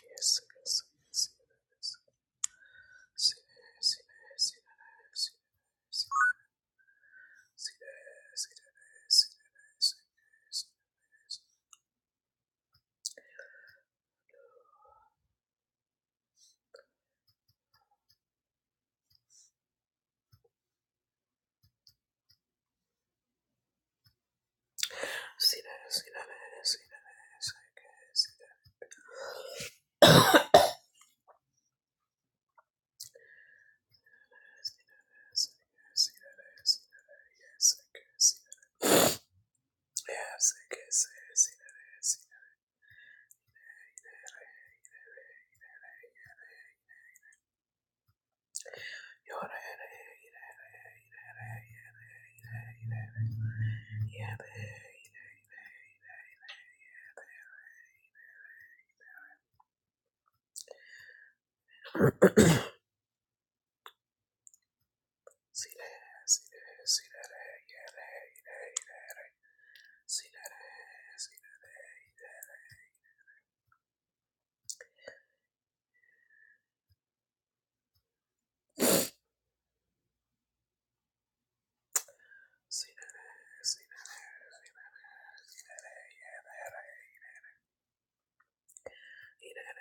Yes, yes, yes, yes. Sit, sit, sit, sit, sit, sit, sit, sit, sit, sit.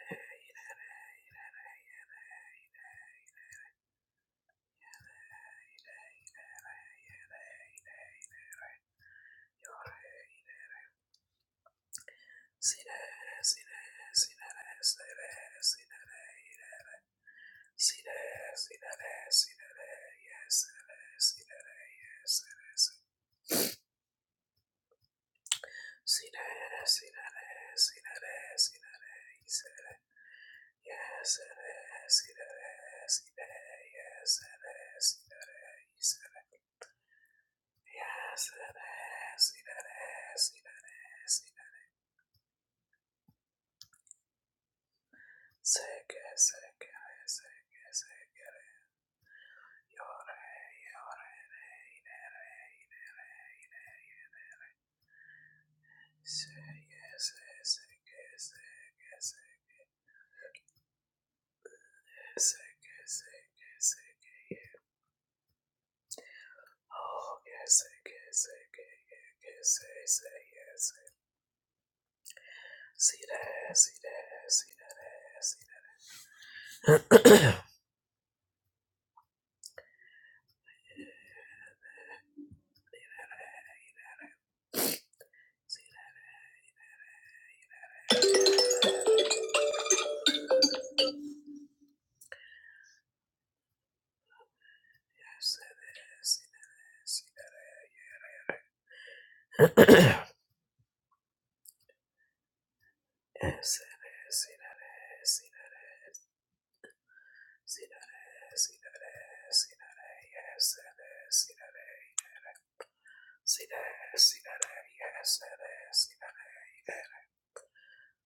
Yes, Yes, Yes,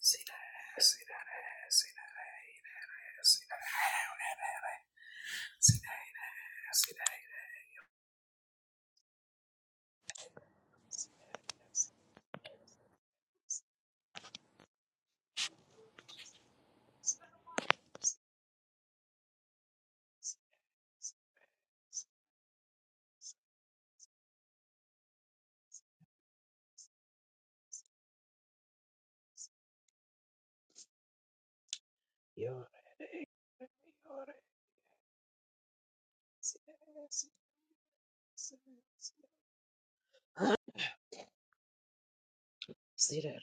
Sina, Sina,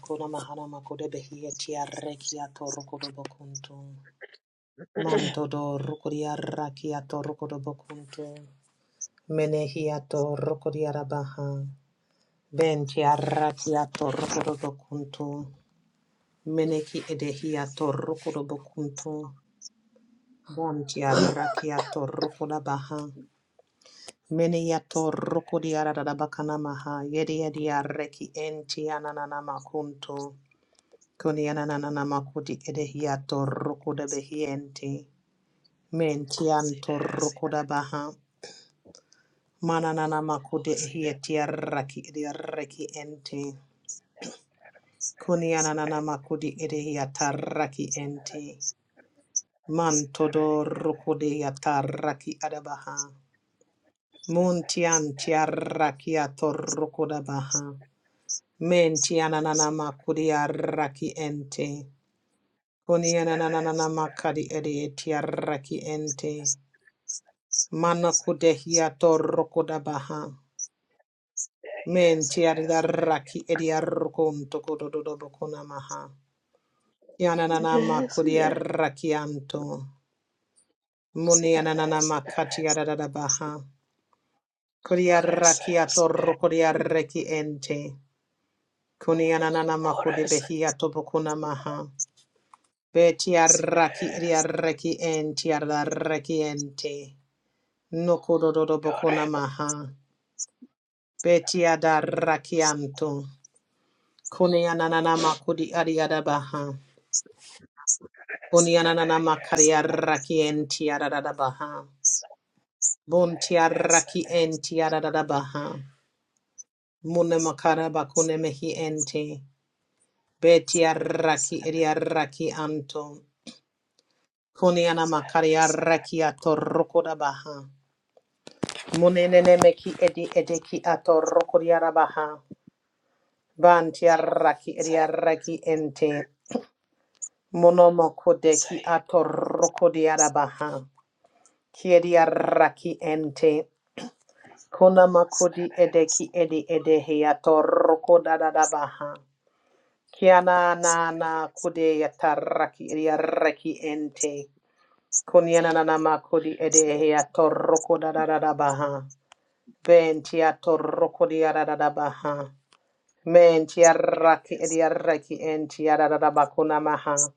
Kona mahana makode behia tia rekia to rokodo bokuntu. Manto do rokodia rakia to rokodo bokuntu. Menehia to rokodia rabaha. Bentia rakia to rokodo bokuntu. Meneki edehia to rokodo bokuntu. Bontia rakia to rokoda baha. Menehia to rokodia rarabakana maha. Yedia dia reki entiananana makuntu. Kunianana makudi edehiato rukuda behiente. Mentianto Sina, rukuda baha. Mananana Oh, makudi see that, ehiatiaraki ediaraki ente. see that, see Kunianana that, makudi edehiataraki see that, ente. see that, see that, see Mantodo yeah, rukude yataraki adabaha. Muntian yeah, tiaraki ato yes, it rukuda baha. is. yes, yes, yes, Mentianana see makudi araki ente. Kunianana makadi ediaraki ente. Mana kudehiato rokodabaha. Men yes, I tiadaraki ediarokon tokododobokona maha. yes, yes, yeah, Yananana yeah, yeah, makodiarakianto. Munianana yes, yes, makatiadadabaha. oh, Kodiarakiato rokodiareki ente. Kunianana oh, makodebehiato bokona maha. Betiaraki yes, ediareki entiadareki ente. yeah, Nokododobokona maha. Betiadarakianto. Kone ananana makudi adiada baha. Kone ananana makari yes, yes, araki enti adada baha. Bunti yes, yes, araki yes, enti adada baha. Mune makara bakune mehi ente. Beti araki edi araki anto. Kone anamakari araki atoroko da baha. Mune nene meki edi edeki atoroko diara baha. Banti araki edi araki ente. Monomoko deki atoroko diara baha. Kiedia raki ente. Konama kodi edeki edi edehia toroko da da da baha. Kiana na na kude yataraki edia raki ente. Koniana na na makodi edehia toroko da da da da baha. Ventia toroko dia da da da baha. Mentia raki edia raki entia da da da bakuna maha.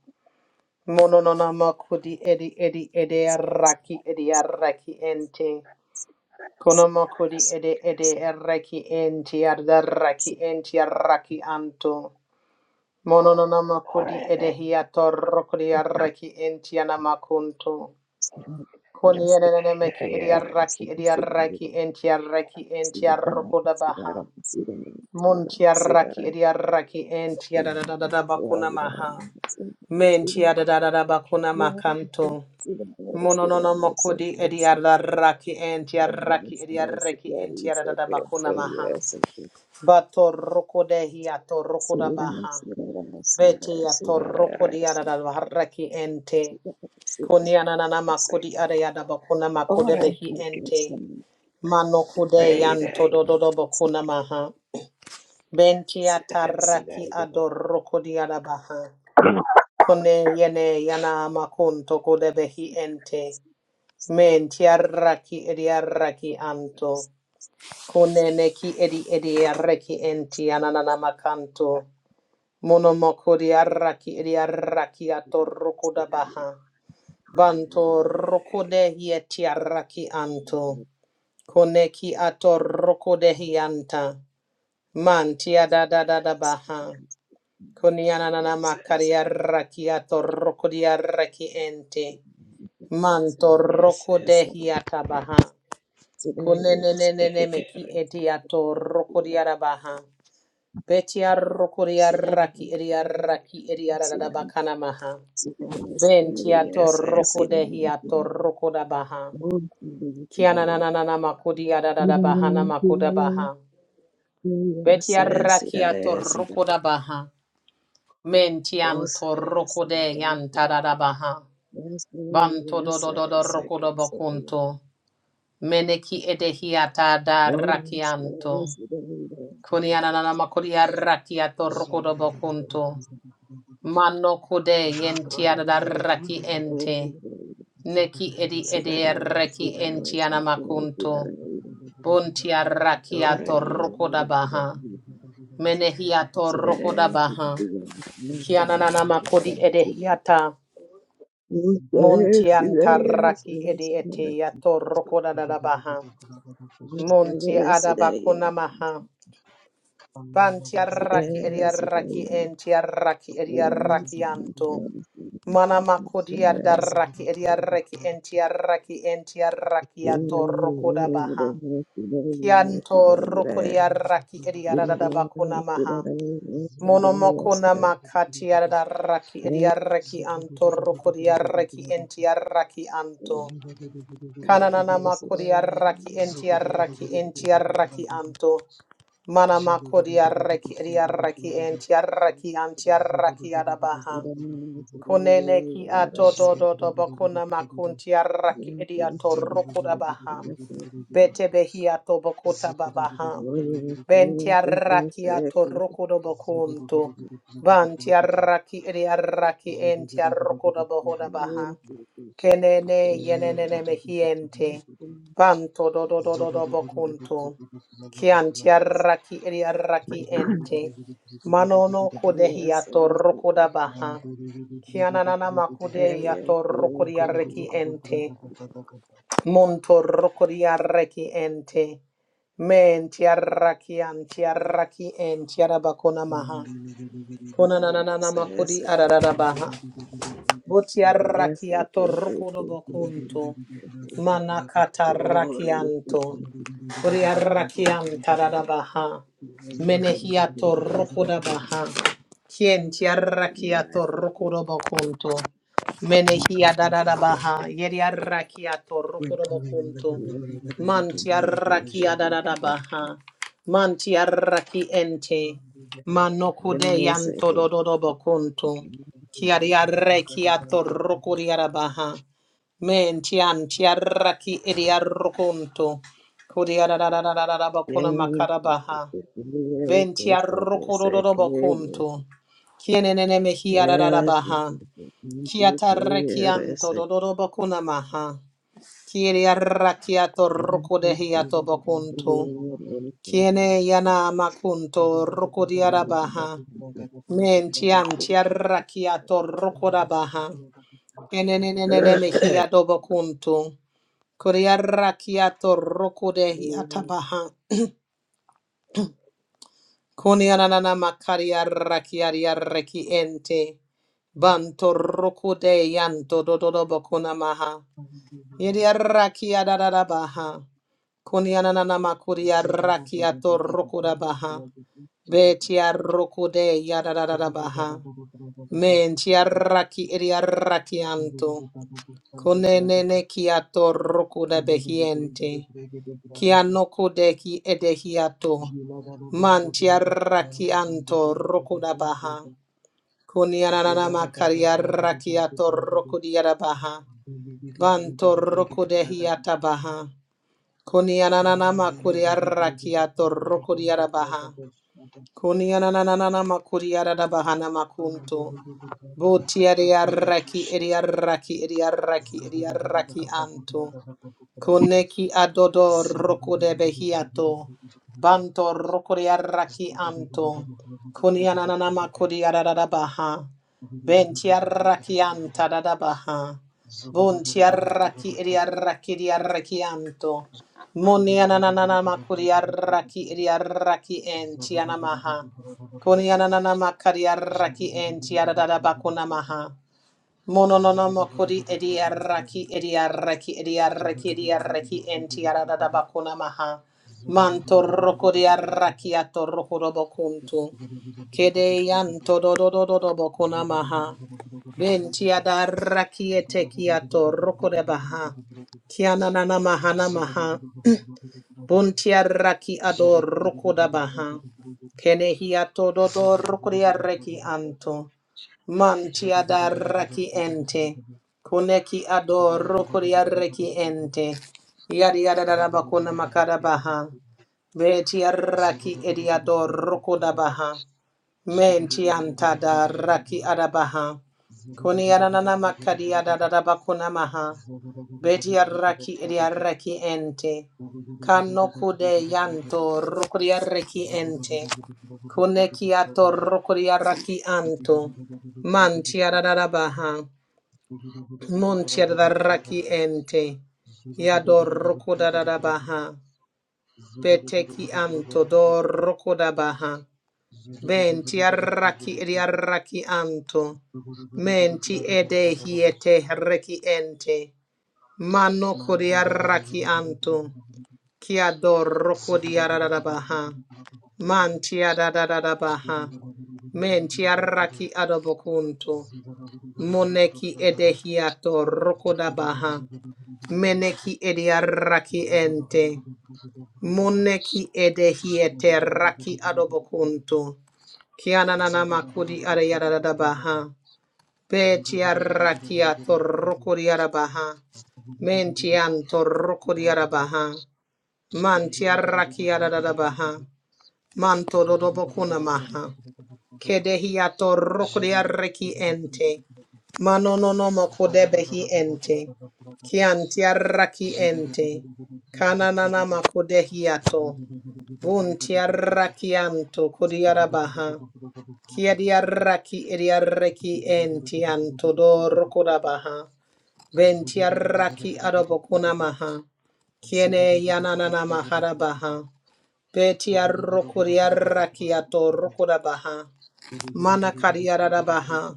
Mono no na makodi edi edi edia raki edia raki ente. Kono mokodi ede ede erreki enti ardarraki enti arraki anto. Mono nona mokodi ede hiato rokodi arraki enti anamakunto. Koni enene meki edi arraki edi arraki enti arraki enti arrokoda baha. Munti arraki edi arraki enti adadadada bakuna maha. Menti adadadada bakuna makanto. Mononono makodi ediaraki entiaraki ediaraki entiarada bakuna maha. Bato rokodehi ato rokoda baha. Beti ato rokodi arada baharaki ente. Kunianana makodi ariada bakuna makode behi ente. Mano kude yanto dododo bakuna maha. Benti ataraki ado rokodi arabaha. kone yene yana makunto kode behi ente. Men tiaraki ediaraki anto. Kuneneki edi edi ediaraki enti ananana ananamakanto. Monomoko diaraki ediaraki atorokoda baha. Banto rokodehi etiaraki anto. Koneki atorokodehi anta. Man tiadadadada baha. Kunianana makari Kunianananamakariaraki atorokodiaraki ente. Manto Yes, yes, rokodehi atabaha. today, yes, yes, Kunenenenene yes, yes, meki eti ato rokodiara baha. Betia yes, yes, rokodiara ki yes, ediara ki yes, ediara da yes, bakana maha. Yes, Ventia to yes, rokodehi ato rokoda baha. Kiana na na da da baha na makoda baha. Betia raki ato rokoda baha. Mentian to rokode yanta da baha. Banto do do do do rokodo bokunto. Meneki edehiata da rakianto. Kunianana makuria rakia torukodo bokunto. Mano kude yentiada Zugu da raki ente. Neki edi edi reki entiana makunto. Buntia rakia torukoda baha. yes, Menehia See that torukoda see that baha. ass, nothing wrong. Kianana See makudi see edehiata. that ass, see that Montianta ass, see raki that ass, edi ete ya torukoda da baha. Monti see that ass, see that adabakuna maha. Ban ass, see that tiaraki ass, see that ass, see ediaraki en tiaraki ediaraki anto. Mana makodi adaraki ediaraki en tiaraki en tiaraki ato rokoda baha. Kianto that rokodiaraki ediarada bakuna maha. Monomokona ass, makati adaraki ediaraki anto rokodiaraki en tiaraki anto. Kananana makodi arraki enti arraki enti arraki anto. Mana makodi arraki edi arraki enti see arraki anti Zugu arraki adabaha. We don't need to go Kunene there, ki wherever ato it's do do do something. bakuna makunti We arraki don't edi need ato to lose the key. We rukudabaha. don't need to lose the key. Bete behi ato bakuta babaha. We don't need to lose Benti the arraki key. ato rukudo bakunto. Banti arraki edi arraki enti We don't need to lose the key. We arrukudabahodabaha. don't need Kenene yenene mehiente. Banto do do do do do bocunto. Chianti arraki eri arraki ente. Manono kodehi atorroko da baha. Chiananana makudehi to atorroko di lose arreki ente. Monto roko di arreki ente. Menti arraki anti arraki enti arabakona maha. the Konanana makudi key. arararabaha. Zugu Yes, yes, yes, yes. Yes, yes, yes. Yes, yes, yes, Botiarrakiato yes, yes, rokodobokunto. yes, yes. Glory to Manakatarrakianto. Boriarrakiantarabaha. the King, Menehiato yes, rokodabaha. yes, Kientiarrakiato yes, yes. rokodobokunto. Menehiadarabaha. Yeriarrakiato rokodobokunto. Yes, okay. Yes, yes, yes, okay. Mantiarrakiadarabaha. Mantiarraki ente. Manokode yanto dododobokunto. Kiariare kiato rokuriarabaha. Men tian tiaraki idiarokunto. Kuriararararabakuna makarabaha. Ven Yes, yes, tiarokurorobokunto. Kienenene mehiararabaha. Kiatarekianto dodorobakuna maha. Kiariarakiato rokudehiato bakunto. Kiene yana makunto rokuriarabaha. Men tian tiarakiato rokurabaha. Eneneneneme yes, hiadobo kuntu. Kuriarrakiato rokode yes, atabaha Kunianana makariarrakiariarreki ente. Banto rokode yanto dododobo kunamaha. Zigada Yediarrakiadadabaha. Kunianana makuriarrakiato rokodabaha. Betiarrokode yadadabaha. Mentiarraki ediarrakianto. Kunenene kiato rokuda behiente. Kianoko deki edehiato. Mantiaraki anto rokuda baha. Kunianana makariaraki ato rokudiara baha. Banto rokudehiata baha. Kunianana makuriaraki ato rokudiara baha. Kunianana makuriara da baha namakunto. Botiariaraki ediaraki ediaraki ediaraki anto. Koneki adodo roko de behiato. Banto roko de araki anto. Koni ananama kodi adadabaha. Benti araki anta dadabaha. Bunti araki edi araki di araki anto. Moni anananama kodi araki edi araki enti anamaha. Koni ananama kadi araki enti adadabako namaha. Mononona kodi ediaraki ediaraki ediaraki ediaraki entiarada da bakuna maha. Manto roko diaraki ato roko dobo kuntu Kede yanto do do do do do bakuna Zigga maha. Ventiada raki eteki ato roko de baha. Kiana nana maha na maha. Buntia raki ador rokoda baha. Kene hiato dodo rokodia reki anto. Mantia da raki ente. Koneki ador rokodia reki ente. Yadi yada da bakona makada baha. Betia raki ediador rokoda baha. Mentianta da raki adabaha. Kuni ananana makadi adadaba kunamaha. Beti arraki edi arraki ente. Zugu Kanno kude yanto rukuri arraki ente. Kune kiato rukuri arraki anto. Manti adadabaha. Munti adarraki ente. Yado rukuda dadabaha. Beteki anto do rukudabaha. Ben ti arraki edi arraki anto. menti ti ede hiete reki ente. Mano kodi arraki anto. Ki adoro kodi ararabaha. Manti ti adadadabaha. menti ti arraki adobokunto. Moneki ede hiato Zagada rokodabaha. Meneki edi arraki ente. Moneki ede hiete raki adobokunto. Kianana makudi arayarada baha. Betiarra kia torrokuri arabaha. Mentian torrokuri arabaha. Mantiarra kia arabaha. Manto dodobokuna maha. Kedehia torrokuri arreki ente. Manononomo kodebehi ente. Kiantiarra ki ente. Kananana makodehiato. Buntiarra kianto kuri Ziggy, arabaha. Kia diarraki ediarreki enti antodor kodabaha. Ventiarraki adobokuna maha. Kiene yananana maharabaha. Betiarrokuriarraki atorrokodabaha. Mana kariarabaha.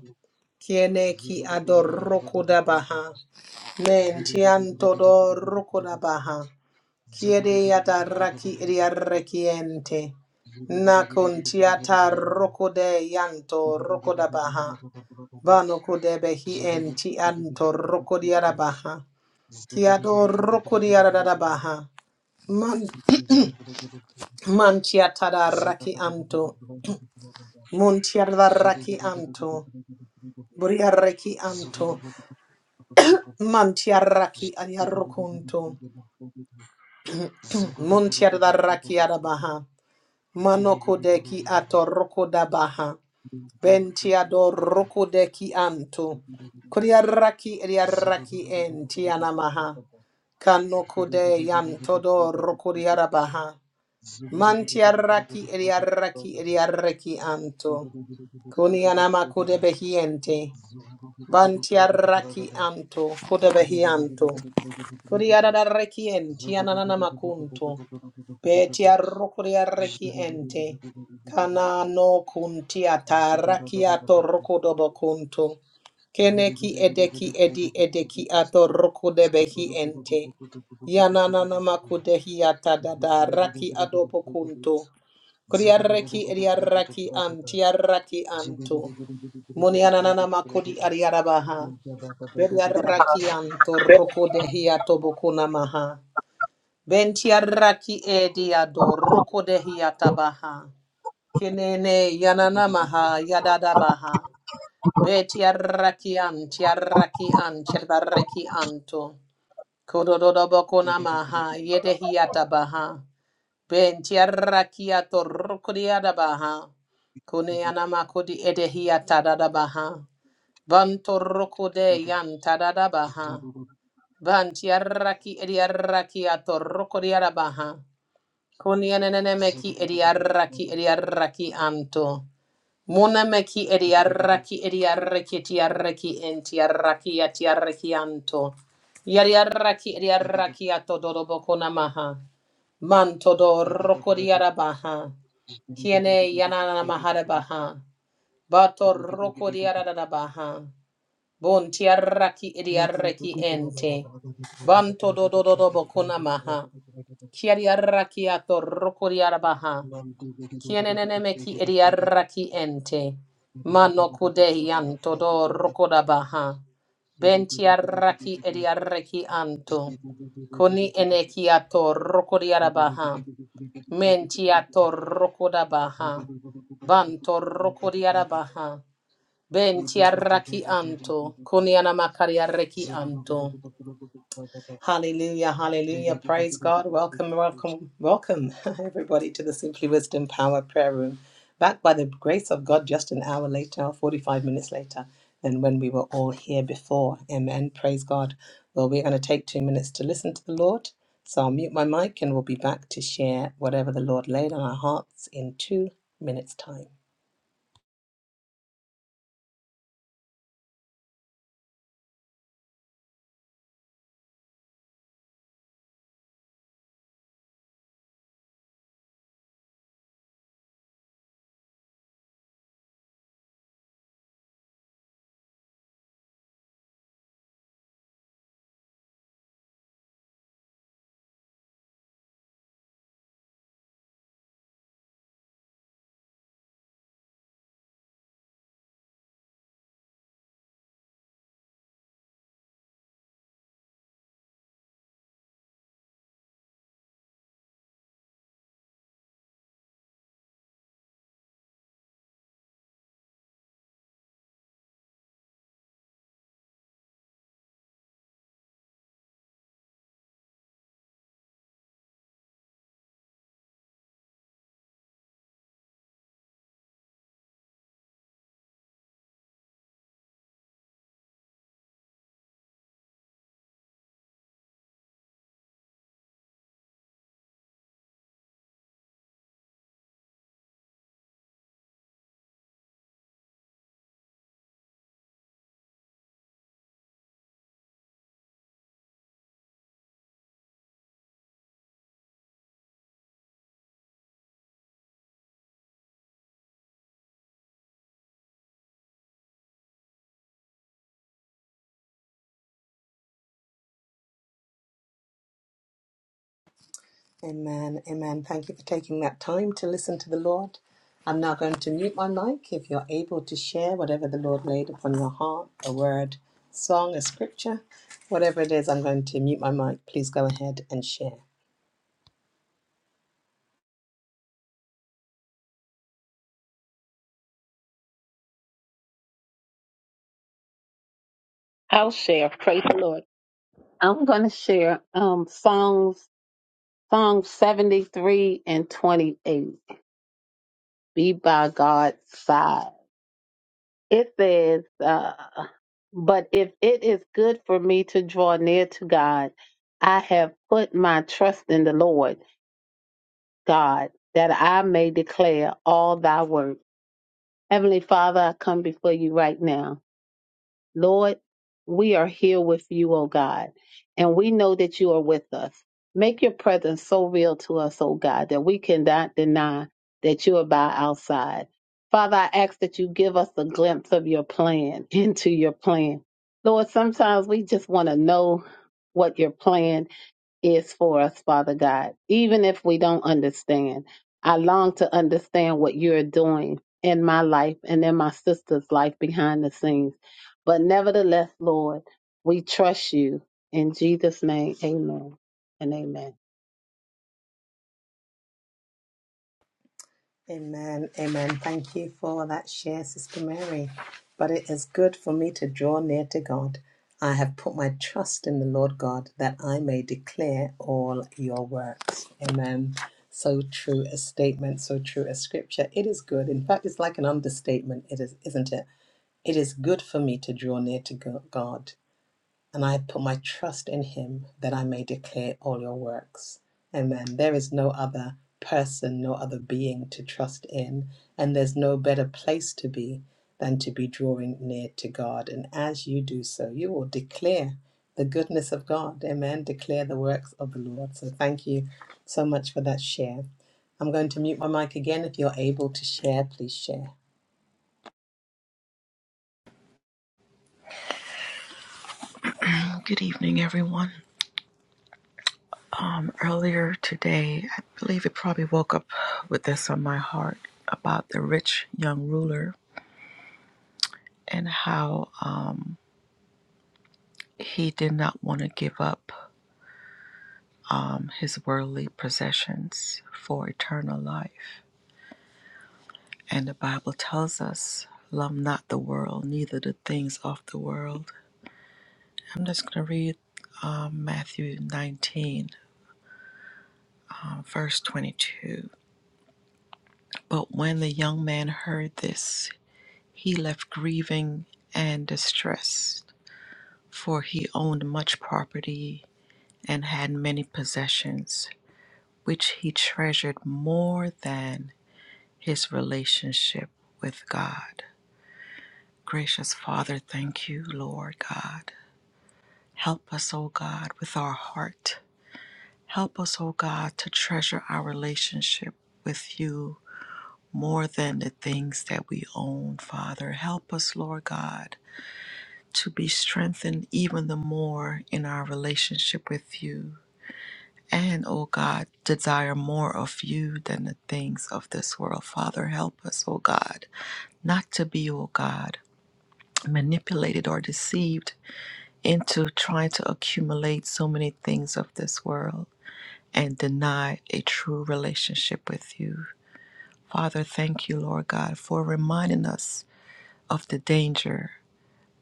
Kiene ki adorrokodabaha. Mentiantodor kodabaha. Kiede yata raki idiarrekiente. Nakun tiata rokode yanto rokodabaha. Bano kodebe hi en ti anto rokodiarabaha. Zugu Kiado rokodiarabaha. Man mantiata da raki anto. Muntiada raki anto. Buriarreki anto. Mantiarraki adiarroconto. Muntiada raki arabaha. Manoko deki atorokodabaha. Bentiador roku de ki anto. Kuriaraki eriaraki en tianamaha. Kanoko de yantodor roku diarabaha. Mantiaraki eriaraki eriaraki Zugu anto. Kunianama kude behiente. Bantiaraki anto kude behianto. Kuriarareki enti ananana makunto. beti ananamakunto. Betiarokuriareki ente. Kana no kunti ataraki atorokodobokunto. Keneki edeki edi edeki atoroko debehi ente. Yanananamakudehi atadadaraki adobokunto. Kuriareki ediaraki antiaraki anto. Munianananamakudi ariarabaha. Beriaraki antoroko de hiatoboko namaha. Bentiaraki ediado roko de hiatabaha. Kinene Thank yananamaha yadadabaha. Betiaraki antiaraki antiaraki anto. Kododoboko namaha yede hiatabaha. Bentiaraki atoroko de yadabaha. Kuneanamakodi edehiatadadabaha. Bantoroko de yan yantadadabaha. Vantiarraki ediarraki atorrocodiarabaha. Kunianenemeki ediarraki ediarraki anto. Munameki ediarraki ediarraki tiarraki entiarraki atiarraki anto. Yariarraki ediarraki atodorobokonamaha. Mantodorrocodiarabaha. Kiene yananamaharabaha. Batorrocodiarabaha. Bunti Bontiaraki idiaraki ente. Banto do do do do bokuna maha. Kiariaraki ato rokuriarabaha. Kienenemeki idiaraki ente. Mano kudehi anto do rokoda baha. Benti rokodabaha. Bentiaraki idiaraki anto. Koni eneki ato rokuriarabaha. Menti you. ato Zu rokodabaha. guo du guo du guo du guo Banto du guo du, na ka du na ka du, rokuriarabaha. ji Benti ji du arraki ji ji ji anto. ji ji. Kuniana makari arraki Zu guo du guo anto. du guo du guo du guo du, na ka du na ka du, Hallelujah, ji hallelujah. ji du ji Praise God. ji Welcome, du ji ji du. welcome, welcome, everybody, to the Simply Wisdom Power Prayer Room. Back by the grace of God just an hour later, or 45 minutes later, than when we were all here before. Amen. Praise God. Well, we're going to take two minutes to listen to the Lord. So I'll mute my mic and we'll be back to share whatever the Lord laid on our hearts in two minutes' time. Amen. Amen. Thank you for taking that time to listen to the Lord. I'm now going to mute my mic. If you're able to share whatever the Lord laid upon your heart, a word, song, a scripture, whatever it is, I'm going to mute my mic. Please go ahead and share. I'll share. Praise the Lord. I'm going to share um, Psalms, Psalm 73 and 28. Be by God's side. It says, uh, But if it is good for me to draw near to God, I have put my trust in the Lord God, that I may declare all thy work. Heavenly Father, I come before you right now. Lord, we are here with you, O God, and we know that you are with us. Make your presence so real to us, O God, that we cannot deny that you are by our side. Father, I ask that you give us a glimpse of your plan, into your plan. Lord, sometimes we just want to know what your plan is for us, Father God, even if we don't understand. I long to understand what you're doing in my life and in my sister's life behind the scenes. But nevertheless, Lord, we trust you. In Jesus' name, amen and amen. Amen. Amen. Thank you for that share, Sister Mary. But it is good for me to draw near to God. I have put my trust in the Lord God that I may declare all your works. Amen. So true a statement, so true a scripture. It is good. In fact, it's like an understatement, it is, isn't it? It is good for me to draw near to go- God and I put my trust in him that I may declare all your works. Amen. There is no other person, no other being to trust in, and there's no better place to be than to be drawing near to God. And as you do so, you will declare the goodness of God. Amen. Declare the works of the Lord. So thank you so much for that share. I'm going to mute my mic again. If you're able to share, please share. Good evening, everyone. Um, earlier today, I believe it probably woke up with this on my heart about the rich young ruler and how um, he did not want to give up um, his worldly possessions for eternal life. And the Bible tells us, Love not the world, neither the things of the world. I'm just going to read um, Matthew 19, um, verse 22. But when the young man heard this, He left grieving and distressed, for he owned much property and had many possessions, which he treasured more than his relationship with God. Gracious Father, thank you, Lord God. Help us, O God, with our heart. Help us, O God, to treasure our relationship with you more than the things that we own, Father. Help us, Lord God to be strengthened even the more in our relationship with you. And, O God, desire more of you than the things of this world. Father, help us, O God, not to be, O God, manipulated or deceived into trying to accumulate so many things of this world and deny a true relationship with you. Father, thank you, Lord God, for reminding us of the danger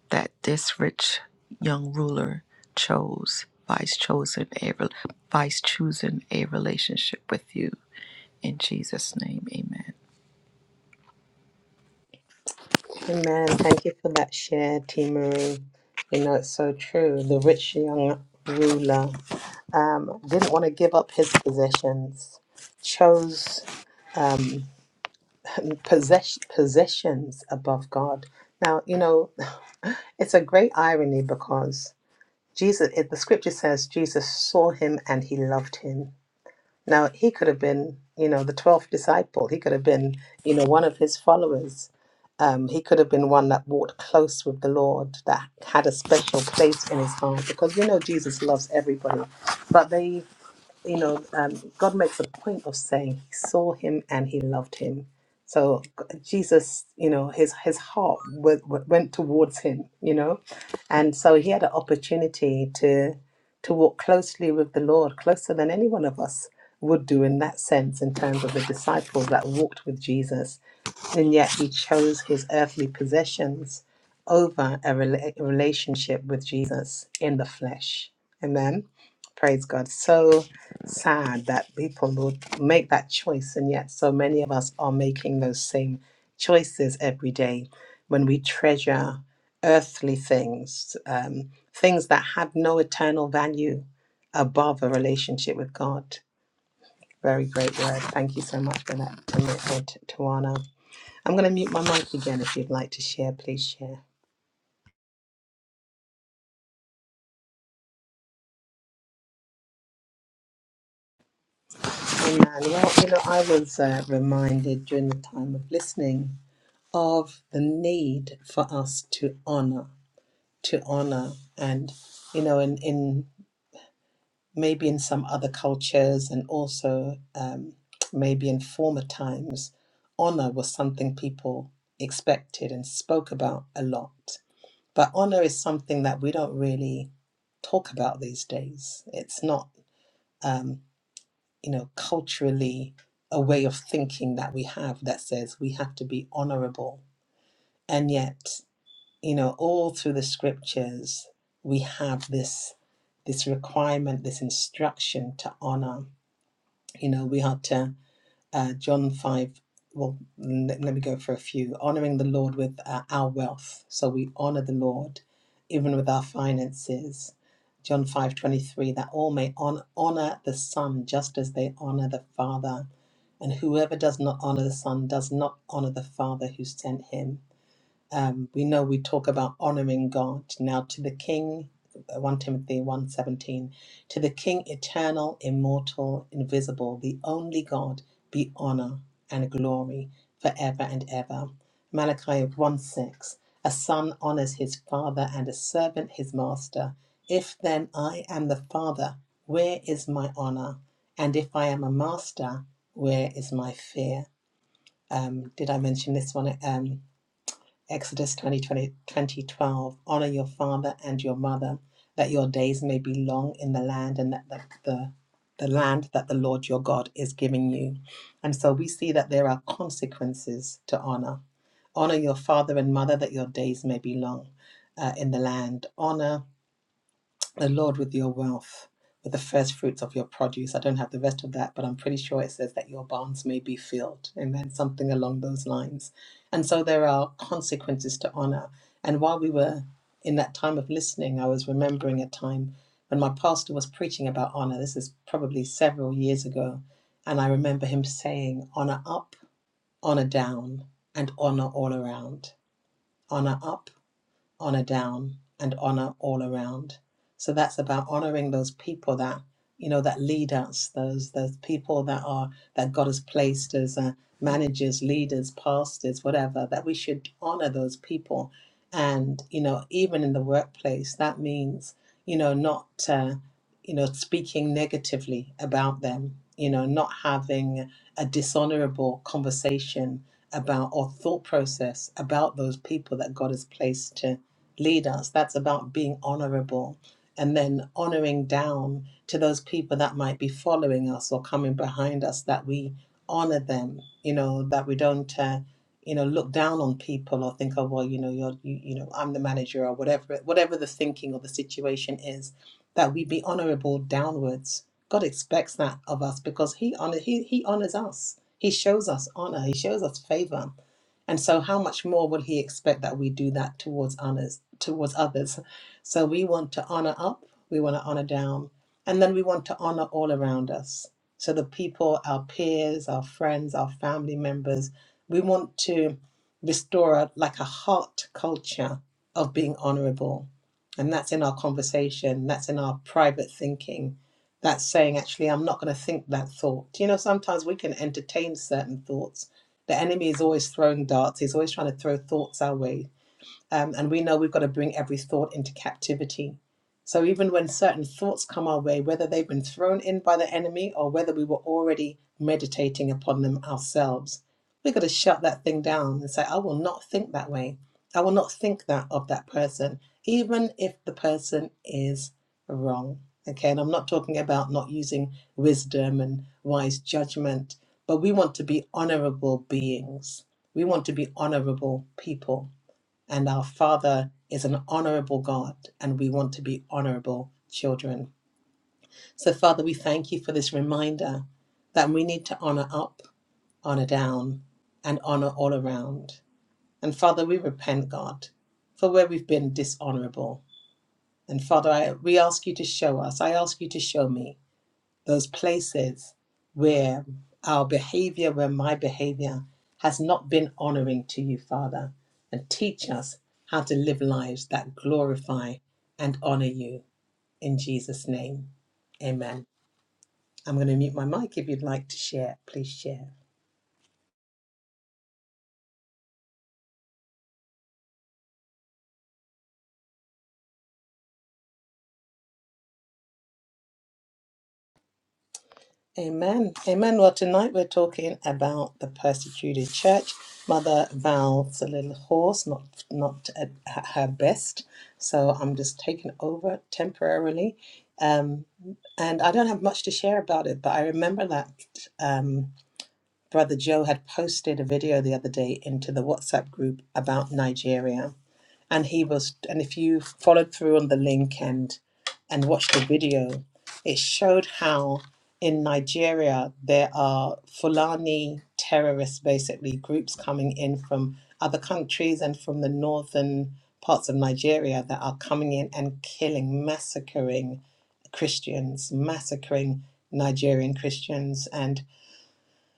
that this rich young ruler chose, vice chosen a vice choosing a relationship with you. In Jesus' name, amen. Amen. Thank you for that share, T. Marie. You know, it's so true. The rich young ruler um, didn't want to give up his possessions, chose um, possess- possessions above God. Now, you know, it's a great irony because Jesus, it, the scripture says Jesus saw him and he loved him now, he could have been, you know, the 12th disciple. He could have been, you know, one of his followers. Um, he could have been one that walked close with the Lord, that had a special place in his heart, because we know Jesus loves everybody. But they you know, um, God makes a point of saying he saw him and he loved him. So g- Jesus, you know, his his heart w- w- went towards him, you know, and so he had an opportunity to to walk closely with the Lord, closer than any one of us would do in that sense, in terms of the disciples that walked with Jesus and yet he chose his earthly possessions over a rela- relationship with Jesus in the flesh. Amen. Praise God. So sad that people will make that choice, and yet so many of us are making those same choices every day when we treasure earthly things, um, things that have no eternal value above a relationship with God. Very great word. Thank you so much for that, Tawana. I'm going to mute my mic again. If you'd like to share, please share. Amen. Well, you know, I was uh, reminded during the time of listening of the need for us to honor, to honor, and you know, in in maybe in some other cultures, and also um, maybe in former times, honor was something people expected and spoke about a lot. But honor is something that we don't really talk about these days. It's not. Um, you know, culturally a way of thinking that we have that says we have to be honorable. And yet, you know, all through the scriptures, we have this this requirement, this instruction to honor. You know, we are to uh, John 5. Well, n- let me go for a few. Honoring the Lord with uh, our wealth. So we honor the Lord even with our finances. John 5 23. that all may on, honor the Son just as they honor the Father. And whoever does not honor the Son does not honor the Father who sent him. Um, we know we talk about honoring God. Now to the King, uh, 1 Timothy one seventeen, to the King eternal, immortal, invisible, the only God, be honor and glory forever and ever. Malachi one six, a son honors his father and a servant his master. If then I am the father, where is my honor? And if I am a master, where is my fear? Um, did I mention this one? Um, Exodus twenty twenty twenty twelve. honor your father and your mother, that your days may be long in the land and that the, the, the land that the Lord your God is giving you. And so we see that there are consequences to honor. Honor your father and mother that your days may be long uh, in the land. Honor the Lord with your wealth, with the first fruits of your produce. I don't have the rest of that, but I'm pretty sure it says that your barns may be filled. Amen. Something along those lines. And so there are consequences to honor. And while we were in that time of listening, I was remembering a time when my pastor was preaching about honor. This is probably several years ago. And I remember him saying, honor up, honor down, and honor all around. Honor up honor down and honor all around. So that's about honoring those people that you know that lead us, those those people that are that God has placed as uh, managers, leaders, pastors, whatever. That we should honor those people, and you know even in the workplace, that means you know not uh, you know speaking negatively about them, you know not having a dishonorable conversation about or thought process about those people that God has placed to leaders. That's about being honorable and then honoring down to those people that might be following us or coming behind us that we honor them, you know, that we don't, uh, you know, look down on people or think, oh, well, you know, you're, you, you know, I'm the manager or whatever, whatever the thinking or the situation is, that we be honorable downwards. God expects that of us because he honor, he, he honors us. He shows us honor. He shows us favor and so how much more would he expect that we do that towards others towards others? So we want to honor up, we want to honor down, and then we want to honor all around us. So the people, our peers, our friends, our family members, we want to restore a, like a heart culture of being honorable. And that's in our conversation, that's in our private thinking. That's saying, actually, I'm not going to think that thought. You know, sometimes we can entertain certain thoughts the enemy is always throwing darts. He's always trying to throw thoughts our way um, and we know we've got to bring every thought into captivity. So even when certain thoughts come our way, whether they've been thrown in by the enemy or whether we were already meditating upon them ourselves, we've got to shut that thing down and say, I will not think that way. I will not think that of that person, even if the person is wrong. Okay, and I'm not talking about not using wisdom and wise judgment, but we want to be honorable beings. We want to be honorable people. And our Father is an honorable God, and we want to be honorable children. So, Father, we thank you for this reminder that we need to honor up, honor down, and honor all around. And Father, we repent, God, for where we've been dishonorable. And Father, I, we ask you to show us, I ask you to show me those places where our behavior, where my behavior has not been honoring to you, Father, and teach us how to live lives that glorify and honor you in Jesus' name. Amen. I'm going to mute my mic. If you'd like to share, please share. Amen. Amen. Well, tonight we're talking about the persecuted church. Mother Val's a little hoarse, not not at h- her best, so I'm just taking over temporarily. Um, and I don't have much to share about it, but I remember that um, Brother Joe had posted a video the other day into the WhatsApp group about Nigeria and he was and if you followed through on the link and and watched the video it showed how in nigeria there are fulani terrorists basically groups coming in from other countries and from the northern parts of nigeria that are coming in and killing massacring christians massacring nigerian christians and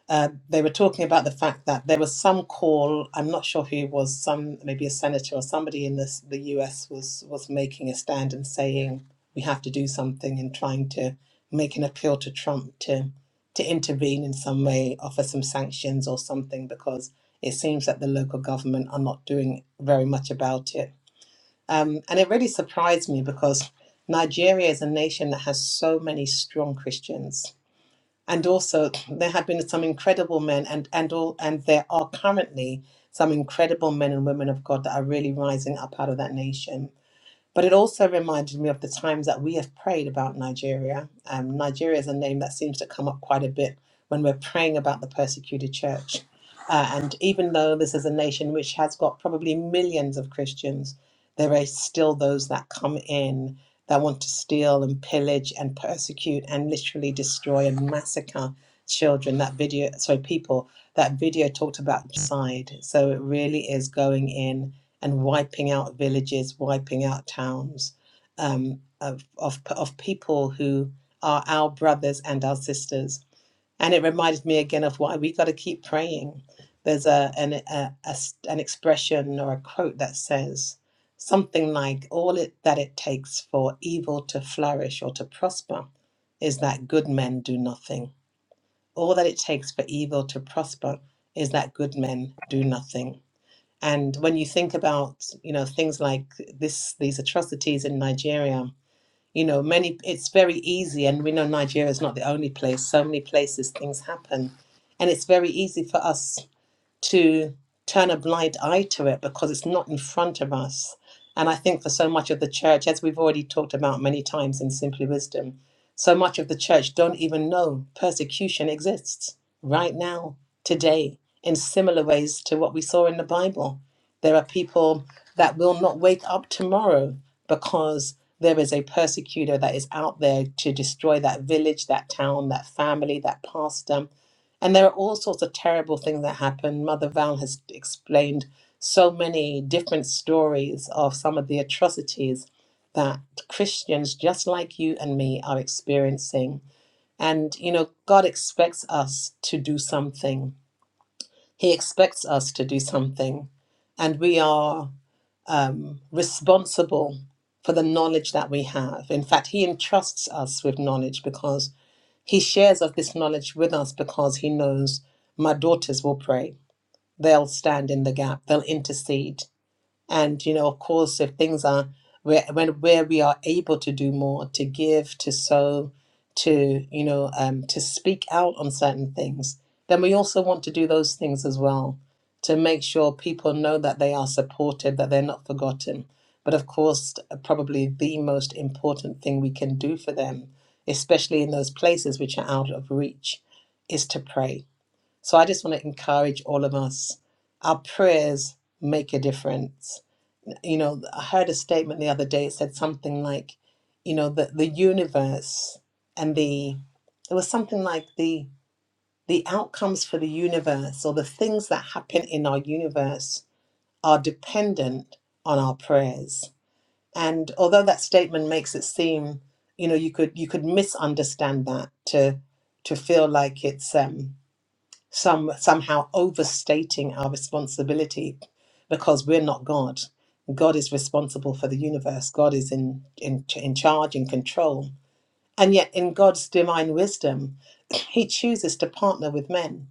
uh, they were talking about the fact that there was some call. I'm not sure who it was. Some maybe a senator or somebody in this, the U.S. was was making a stand and saying we have to do something and trying to make an appeal to Trump to to intervene in some way, offer some sanctions or something because it seems that the local government are not doing very much about it. Um, and it really surprised me because Nigeria is a nation that has so many strong Christians and also there have been some incredible men and and all and there are currently some incredible men and women of God that are really rising up out of that nation but it also reminded me of the times that we have prayed about Nigeria. Um, Nigeria is a name that seems to come up quite a bit when we're praying about the persecuted church. Uh, and even though this is a nation which has got probably millions of Christians, there are still those that come in that want to steal and pillage and persecute and literally destroy and massacre children. That video, sorry, people, that video talked about genocide. So it really is going in and wiping out villages, wiping out towns um, of, of, of people who are our brothers and our sisters. And it reminded me again of why we got to keep praying. There's a, an, a a an expression or a quote that says something like, All it, that it takes for evil to flourish or to prosper is that good men do nothing. All that it takes for evil to prosper is that good men do nothing. And when you think about, you know, things like this, these atrocities in Nigeria, you know, many, it's very easy. And we know Nigeria is not the only place. So many places things happen. And it's very easy for us to turn a blind eye to it because it's not in front of us. And I think for so much of the church, as we've already talked about many times in Simply Wisdom, so much of the church don't even know persecution exists right now, today, in similar ways to what we saw in the Bible. There are people that will not wake up tomorrow because there is a persecutor that is out there to destroy that village, that town, that family, that pastor and there are all sorts of terrible things that happen. Mother Val has explained so many different stories of some of the atrocities that Christians, just like you and me, are experiencing. And, you know, God expects us to do something, He expects us to do something. And we are um, responsible for the knowledge that we have. In fact, He entrusts us with knowledge because he shares of this knowledge with us because he knows my daughters will pray. They'll stand in the gap, they'll intercede, and you know, of course, if things are where when where we are able to do more, to give, to sow, to you know, um, to speak out on certain things, then we also want to do those things as well to make sure people know that they are supported, that they're not forgotten. But of course, probably the most important thing we can do for them, especially in those places which are out of reach, is to pray. So I just want to encourage all of us. Our prayers make a difference you know, I heard a statement the other day. It said something like, you know, the the universe and the it was something like the the outcomes for the universe or the things that happen in our universe are dependent on our prayers. And although that statement makes it seem, you know, you could you could misunderstand that to to feel like it's um some somehow overstating our responsibility because we're not God. God is responsible for the universe. God is in in in charge and control. And yet in God's divine wisdom, he chooses to partner with men.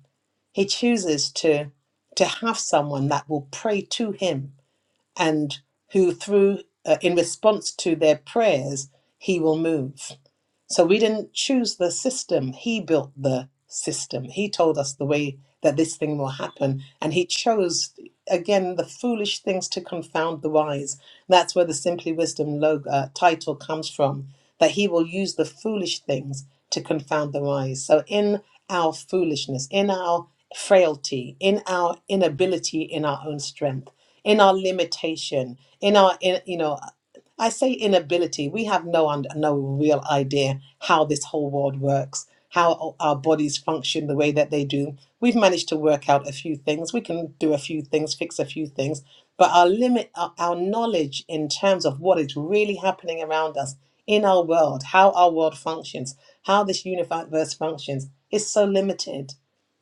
He chooses to to have someone that will pray to him and who through uh, in response to their prayers he will move. So we didn't choose the system. He built the system. He told us the way that this thing will happen. And he chose, again, the foolish things to confound the wise. That's where the Simply Wisdom logo, uh, title comes from, that he will use the foolish things to confound the wise. So in our foolishness, in our frailty, in our inability, in our own strength, in our limitation, in our, in, you know, I say inability. We have no und- no real idea how this whole world works, how o- our bodies function the way that they do. We've managed to work out a few things. We can do a few things, fix a few things, but our limit, our, our knowledge in terms of what is really happening around us in our world, how our world functions, how this universe functions, is so limited.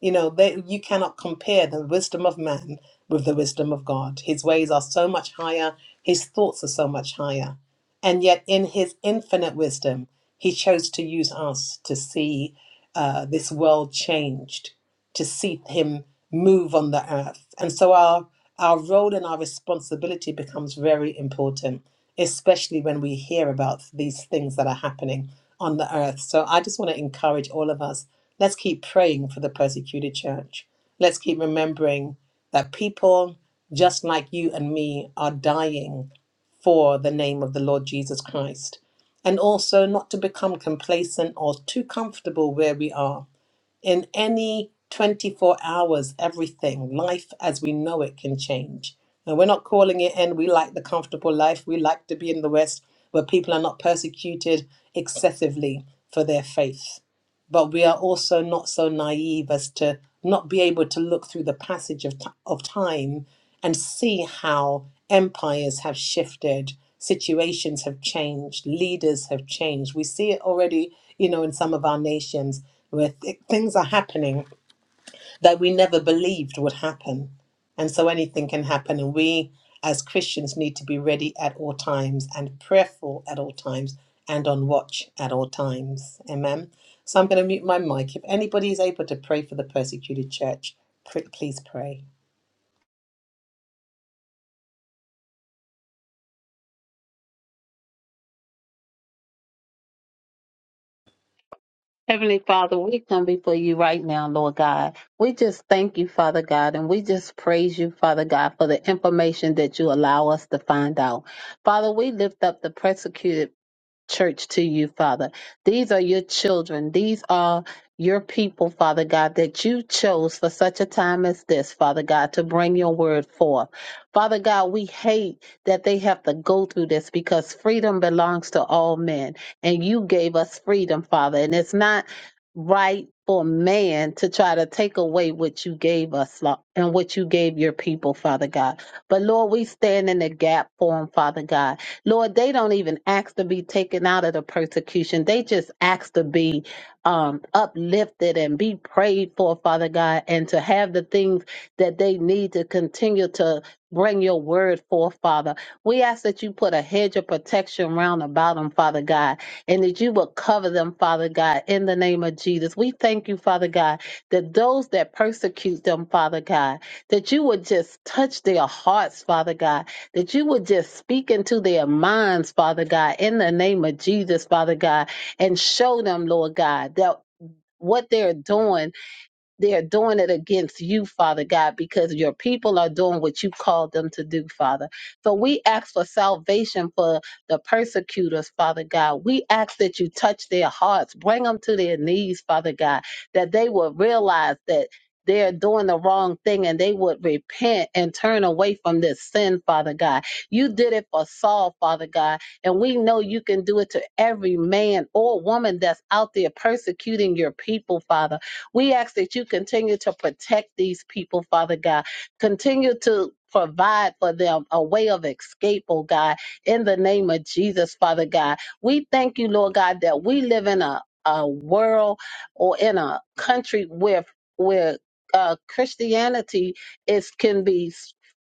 You know, they, you cannot compare the wisdom of man with the wisdom of God. His ways are so much higher, his thoughts are so much higher. And yet, in his infinite wisdom, he chose to use us to see uh, this world changed, to see him move on the earth. And so, our, our role and our responsibility becomes very important, especially when we hear about these things that are happening on the earth. So, I just want to encourage all of us let's keep praying for the persecuted church. Let's keep remembering that people just like you and me are dying for the name of the Lord Jesus Christ. And also not to become complacent or too comfortable where we are. In any 24 hours, everything, life as we know it can change. And we're not calling it in. We like the comfortable life. We like to be in the West where people are not persecuted excessively for their faith but we are also not so naive as to not be able to look through the passage of, ti- of time and see how empires have shifted situations have changed leaders have changed we see it already you know in some of our nations where th- things are happening that we never believed would happen. And so anything can happen. And we as Christians need to be ready at all times and prayerful at all times and on watch at all times. Amen. So I'm going to mute my mic. If anybody is able to pray for the persecuted church, pr- please pray. Heavenly Father, we come before you right now, Lord God. We just thank you, Father God, and we just praise you, Father God, for the information that you allow us to find out. Father, we lift up the persecuted church to you, Father. These are your children. These are your people, Father God, that you chose for such a time as this, Father God, to bring your word forth. Father God, we hate that they have to go through this because freedom belongs to all men. And you gave us freedom, Father. And it's not right for man to try to take away what you gave us Lo- and what you gave your people, Father God. But Lord, we stand in the gap for them, Father God. Lord, they don't even ask to be taken out of the persecution. They just ask to be um, uplifted and be prayed for, Father God, and to have the things that they need to continue to bring your word forth, Father. We ask that you put a hedge of protection round about them, Father God, and that you will cover them, Father God, in the name of Jesus. We thank you, Father God, that those that persecute them, Father God, that you would just touch their hearts, Father God that you would just speak into their minds, Father God, in the name of Jesus, Father God, and show them, Lord God, that what they're doing they're doing it against you, Father God, because your people are doing what you called them to do, Father. So we ask for salvation for the persecutors, Father God. We ask that you touch their hearts, bring them to their knees, Father God, that they will realize that they're doing the wrong thing and they would repent and turn away from this sin, Father God. You did it for Saul, Father God, and we know you can do it to every man or woman that's out there persecuting your people, Father. We ask that you continue to protect these people, Father God. Continue to provide for them a way of escape, oh God, in the name of Jesus, Father God. We thank you, Lord God, that we live in a, a world or in a country where where uh, Christianity is can be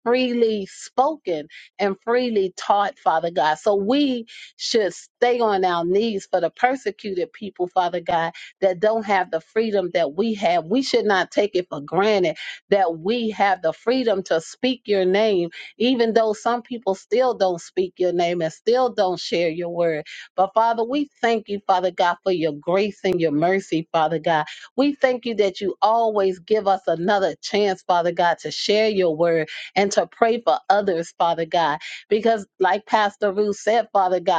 freely spoken and freely taught, Father God. So we should stay on our knees for the persecuted people, Father God that don't have the freedom that we have. We should not take it for granted that we have the freedom to speak your name, even though some people still don't speak your name and still don't share your word. But Father, we thank you, Father God, for your grace and your mercy, Father God. We thank you that you always give us another chance, Father God, to share your word and to pray for others, Father God. Because, like Pastor Ruth said, Father God,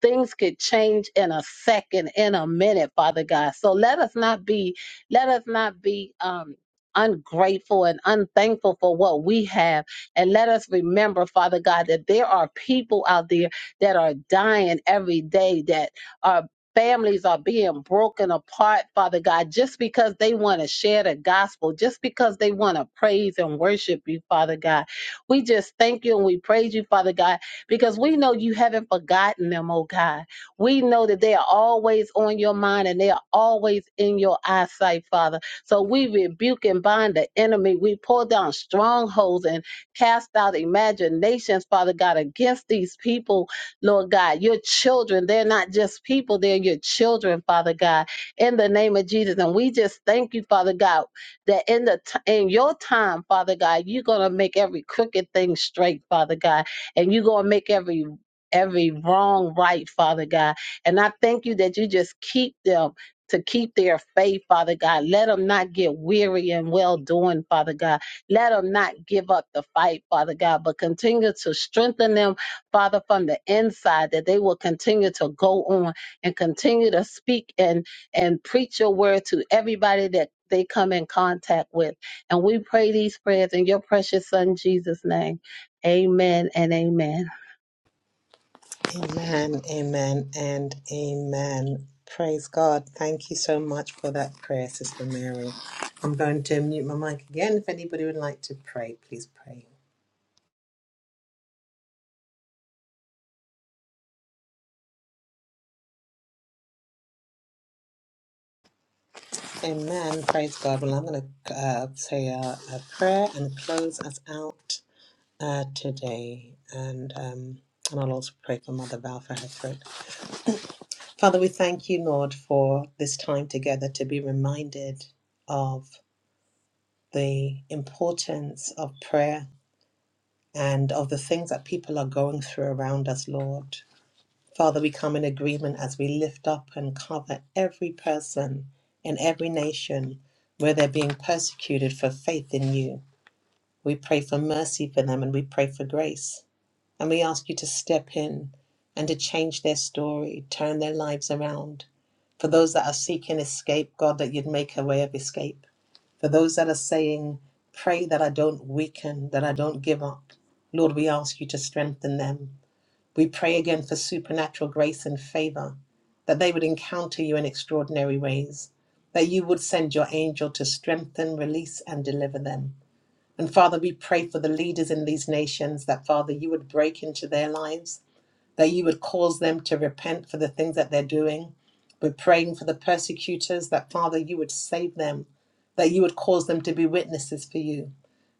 things could change in a second in a minute father god so let us not be let us not be um ungrateful and unthankful for what we have and let us remember father god that there are people out there that are dying every day that are Families are being broken apart, Father God, just because they want to share the gospel, just because they want to praise and worship you, Father God. We just thank you and we praise you, Father God, because we know you haven't forgotten them, oh God. We know that they are always on your mind and they are always in your eyesight, Father. So we rebuke and bind the enemy. We pull down strongholds and cast out imaginations, Father God, against these people, Lord God. Your children, they're not just people, they're your children, Father God, in the name of Jesus. And we just thank you, Father God, that in the t- in your time, Father God, you're gonna make every crooked thing straight, Father God and you're going to make every every wrong right father god and i thank you that you just keep them to keep their faith, Father God. Let them not get weary and well doing, Father God. Let them not give up the fight, Father God, but continue to strengthen them, Father, from the inside, that they will continue to go on and continue to speak and, and preach your word to everybody that they come in contact with. And we pray these prayers in your precious son, Jesus' name. Amen and amen. Amen, amen, and amen. Praise God. Thank you so much for that prayer, Sister Mary. I'm going to mute my mic again. If anybody would like to pray, please pray. Amen. Praise God. Well, I'm going to uh, say a, a prayer and close us out uh, today. And um, and I'll also pray for Mother Val for her throat. Father, we thank you, Lord, for this time together to be reminded of the importance of prayer and of the things that people are going through around us, Lord. Father, we come in agreement as we lift up and cover every person in every nation where they're being persecuted for faith in you. We pray for mercy for them and we pray for grace. And we ask you to step in and to change their story, turn their lives around. For those that are seeking escape, God, that you'd make a way of escape. For those that are saying, Pray that I don't weaken, that I don't give up. Lord, we ask you to strengthen them. We pray again for supernatural grace and favor, that they would encounter you in extraordinary ways, that you would send your angel to strengthen, release, and deliver them. And Father, we pray for the leaders in these nations that, Father, you would break into their lives that you would cause them to repent for the things that they're doing. We're praying for the persecutors that, Father, you would save them, that you would cause them to be witnesses for you,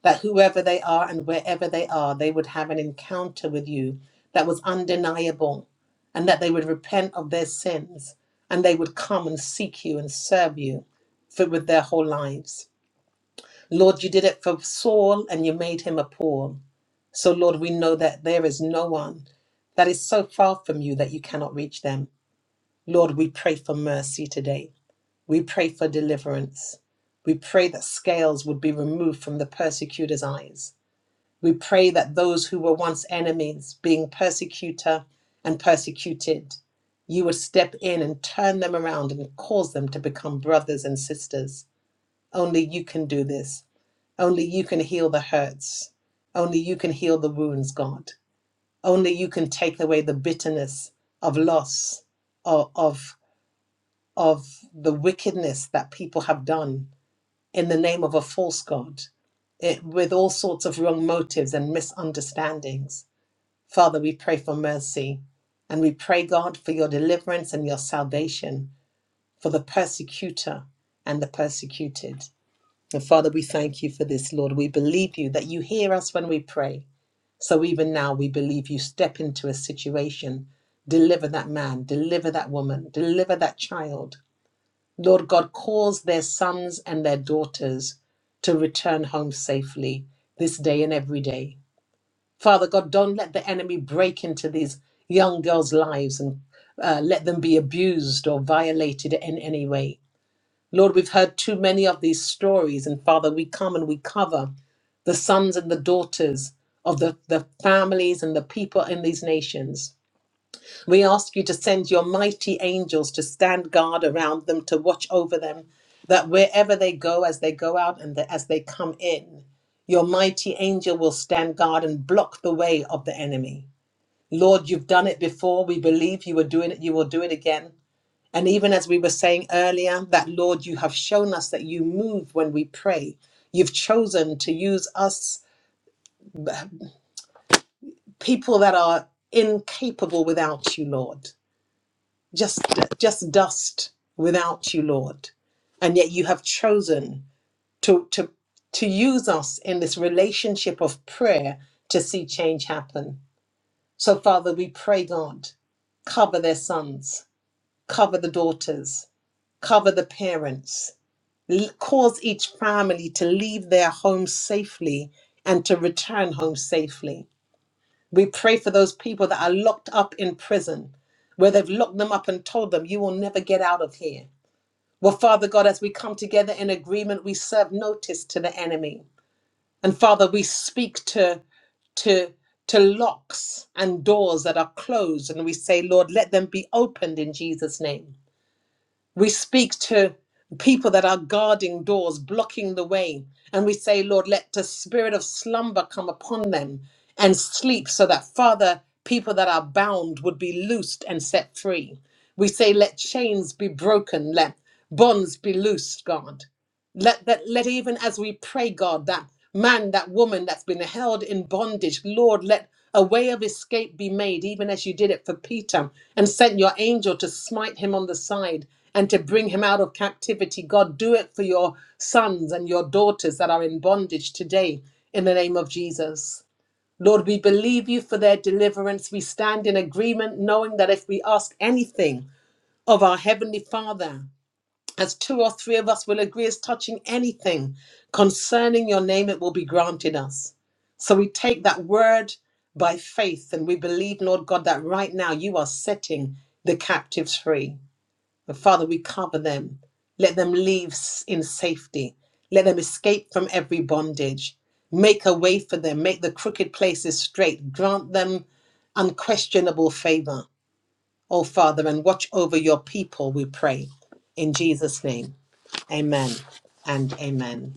that whoever they are and wherever they are, they would have an encounter with you that was undeniable, and that they would repent of their sins and they would come and seek you and serve you for, with their whole lives. Lord, you did it for Saul and you made him a Paul. So, Lord, we know that there is no one that is so far from you that you cannot reach them. Lord, we pray for mercy today. We pray for deliverance. We pray that scales would be removed from the persecutor's eyes. We pray that those who were once enemies, being persecutor and persecuted, you would step in and turn them around and cause them to become brothers and sisters. Only you can do this. Only you can heal the hurts. Only you can heal the wounds, God. Only you can take away the bitterness of loss, of, of, of the wickedness that people have done in the name of a false God, it, with all sorts of wrong motives and misunderstandings. Father, we pray for mercy and we pray, God, for your deliverance and your salvation for the persecutor and the persecuted. And Father, we thank you for this, Lord. We believe you that you hear us when we pray. So even now, we believe you step into a situation, deliver that man, deliver that woman, deliver that child. Lord God, calls their sons and their daughters to return home safely this day and every day. Father God, don't let the enemy break into these young girls' lives and uh, let them be abused or violated in any way. Lord, we've heard too many of these stories, and Father, we come and we cover the sons and the daughters of the, the families and the people in these nations. We ask you to send your mighty angels to stand guard around them, to watch over them, that wherever they go, as they go out and the- as they come in, your mighty angel will stand guard and block the way of the enemy. Lord, you've done it before. We believe you were doing it. You will do it again. And even as we were saying earlier, that Lord, you have shown us that you move when we pray. You've chosen to use us, people that are incapable without you, Lord, just, just dust without you, Lord. And yet you have chosen to, to, to use us in this relationship of prayer to see change happen. So, Father, we pray, God, cover their sons, cover the daughters, cover the parents, l- cause each family to leave their home safely and to return home safely. We pray for those people that are locked up in prison, where they've locked them up and told them, You will never get out of here. Well, Father God, as we come together in agreement, we serve notice to the enemy. And Father, we speak to, to, to locks and doors that are closed, and we say, Lord, let them be opened in Jesus' name. We speak to people that are guarding doors, blocking the way, and we say, Lord, let the spirit of slumber come upon them and sleep so that, Father, people that are bound would be loosed and set free. We say, let chains be broken, let bonds be loosed, God. Let that let even as we pray, God, that man, that woman that's been held in bondage, Lord, let a way of escape be made, even as you did it for Peter, and sent your angel to smite him on the side and to bring him out of captivity. God, do it for your sons and your daughters that are in bondage today in the name of Jesus. Lord, we believe you for their deliverance. We stand in agreement, knowing that if we ask anything of our Heavenly Father, as two or three of us will agree as touching anything concerning your name, it will be granted us. So we take that word by faith and we believe, Lord God, that right now you are setting the captives free. And Father, we cover them. Let them leave s- in safety. Let them escape from every bondage. Make a way for them. Make the crooked places straight. Grant them unquestionable favor, oh Father, and watch over your people, we pray. In Jesus' name. Amen and amen.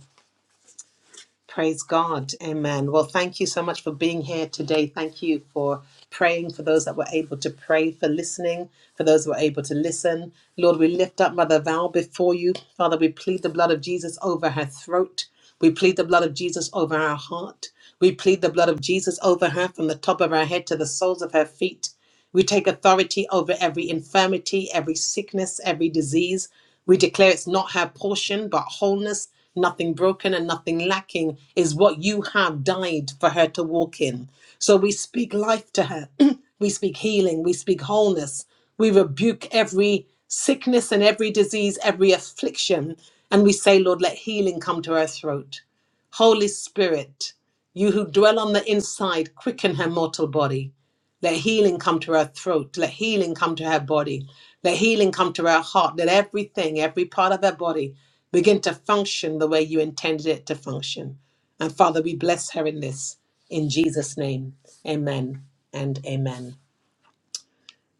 Praise God. Amen. Well, thank you so much for being here today. Thank you for praying for those that were able to pray, for listening, for those who were able to listen. Lord, we lift up Mother Val before you. Father, we plead the blood of Jesus over her throat. We plead the blood of Jesus over her heart. We plead the blood of Jesus over her from the top of her head to the soles of her feet. We take authority over every infirmity, every sickness, every disease. We declare it's not her portion, but wholeness, nothing broken and nothing lacking is what you have died for her to walk in. So we speak life to her. we speak healing. We speak wholeness. We rebuke every sickness and every disease, every affliction. And we say, Lord, let healing come to her throat. Holy Spirit, you who dwell on the inside, quicken her mortal body. Let healing come to her throat. Let healing come to her body. Let healing come to her heart. Let everything, every part of her body begin to function the way you intended it to function. And Father, we bless her in this. In Jesus' name, amen and amen.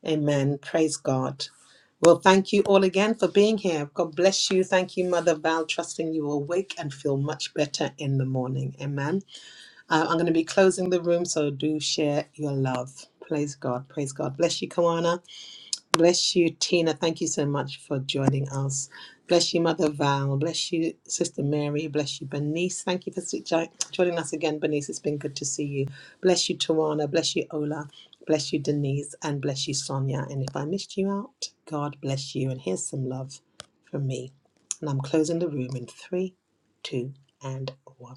Amen. Praise God. Well, thank you all again for being here. God bless you. Thank you, Mother Val, trusting you will wake and feel much better in the morning. Amen. Um, I'm going to be closing the room, so do share your love. Praise God. Praise God. Bless you, Kawana. Bless you, Tina. Thank you so much for joining us. Bless you, Mother Val. Bless you, Sister Mary. Bless you, Bernice. Thank you for si- jo- joining us again, Bernice. It's been good to see you. Bless you, Tawana. Bless you, Ola. Bless you, Denise. And bless you, Sonia. And if I missed you out, God bless you. And here's some love from me. And I'm closing the room in three, two, and one.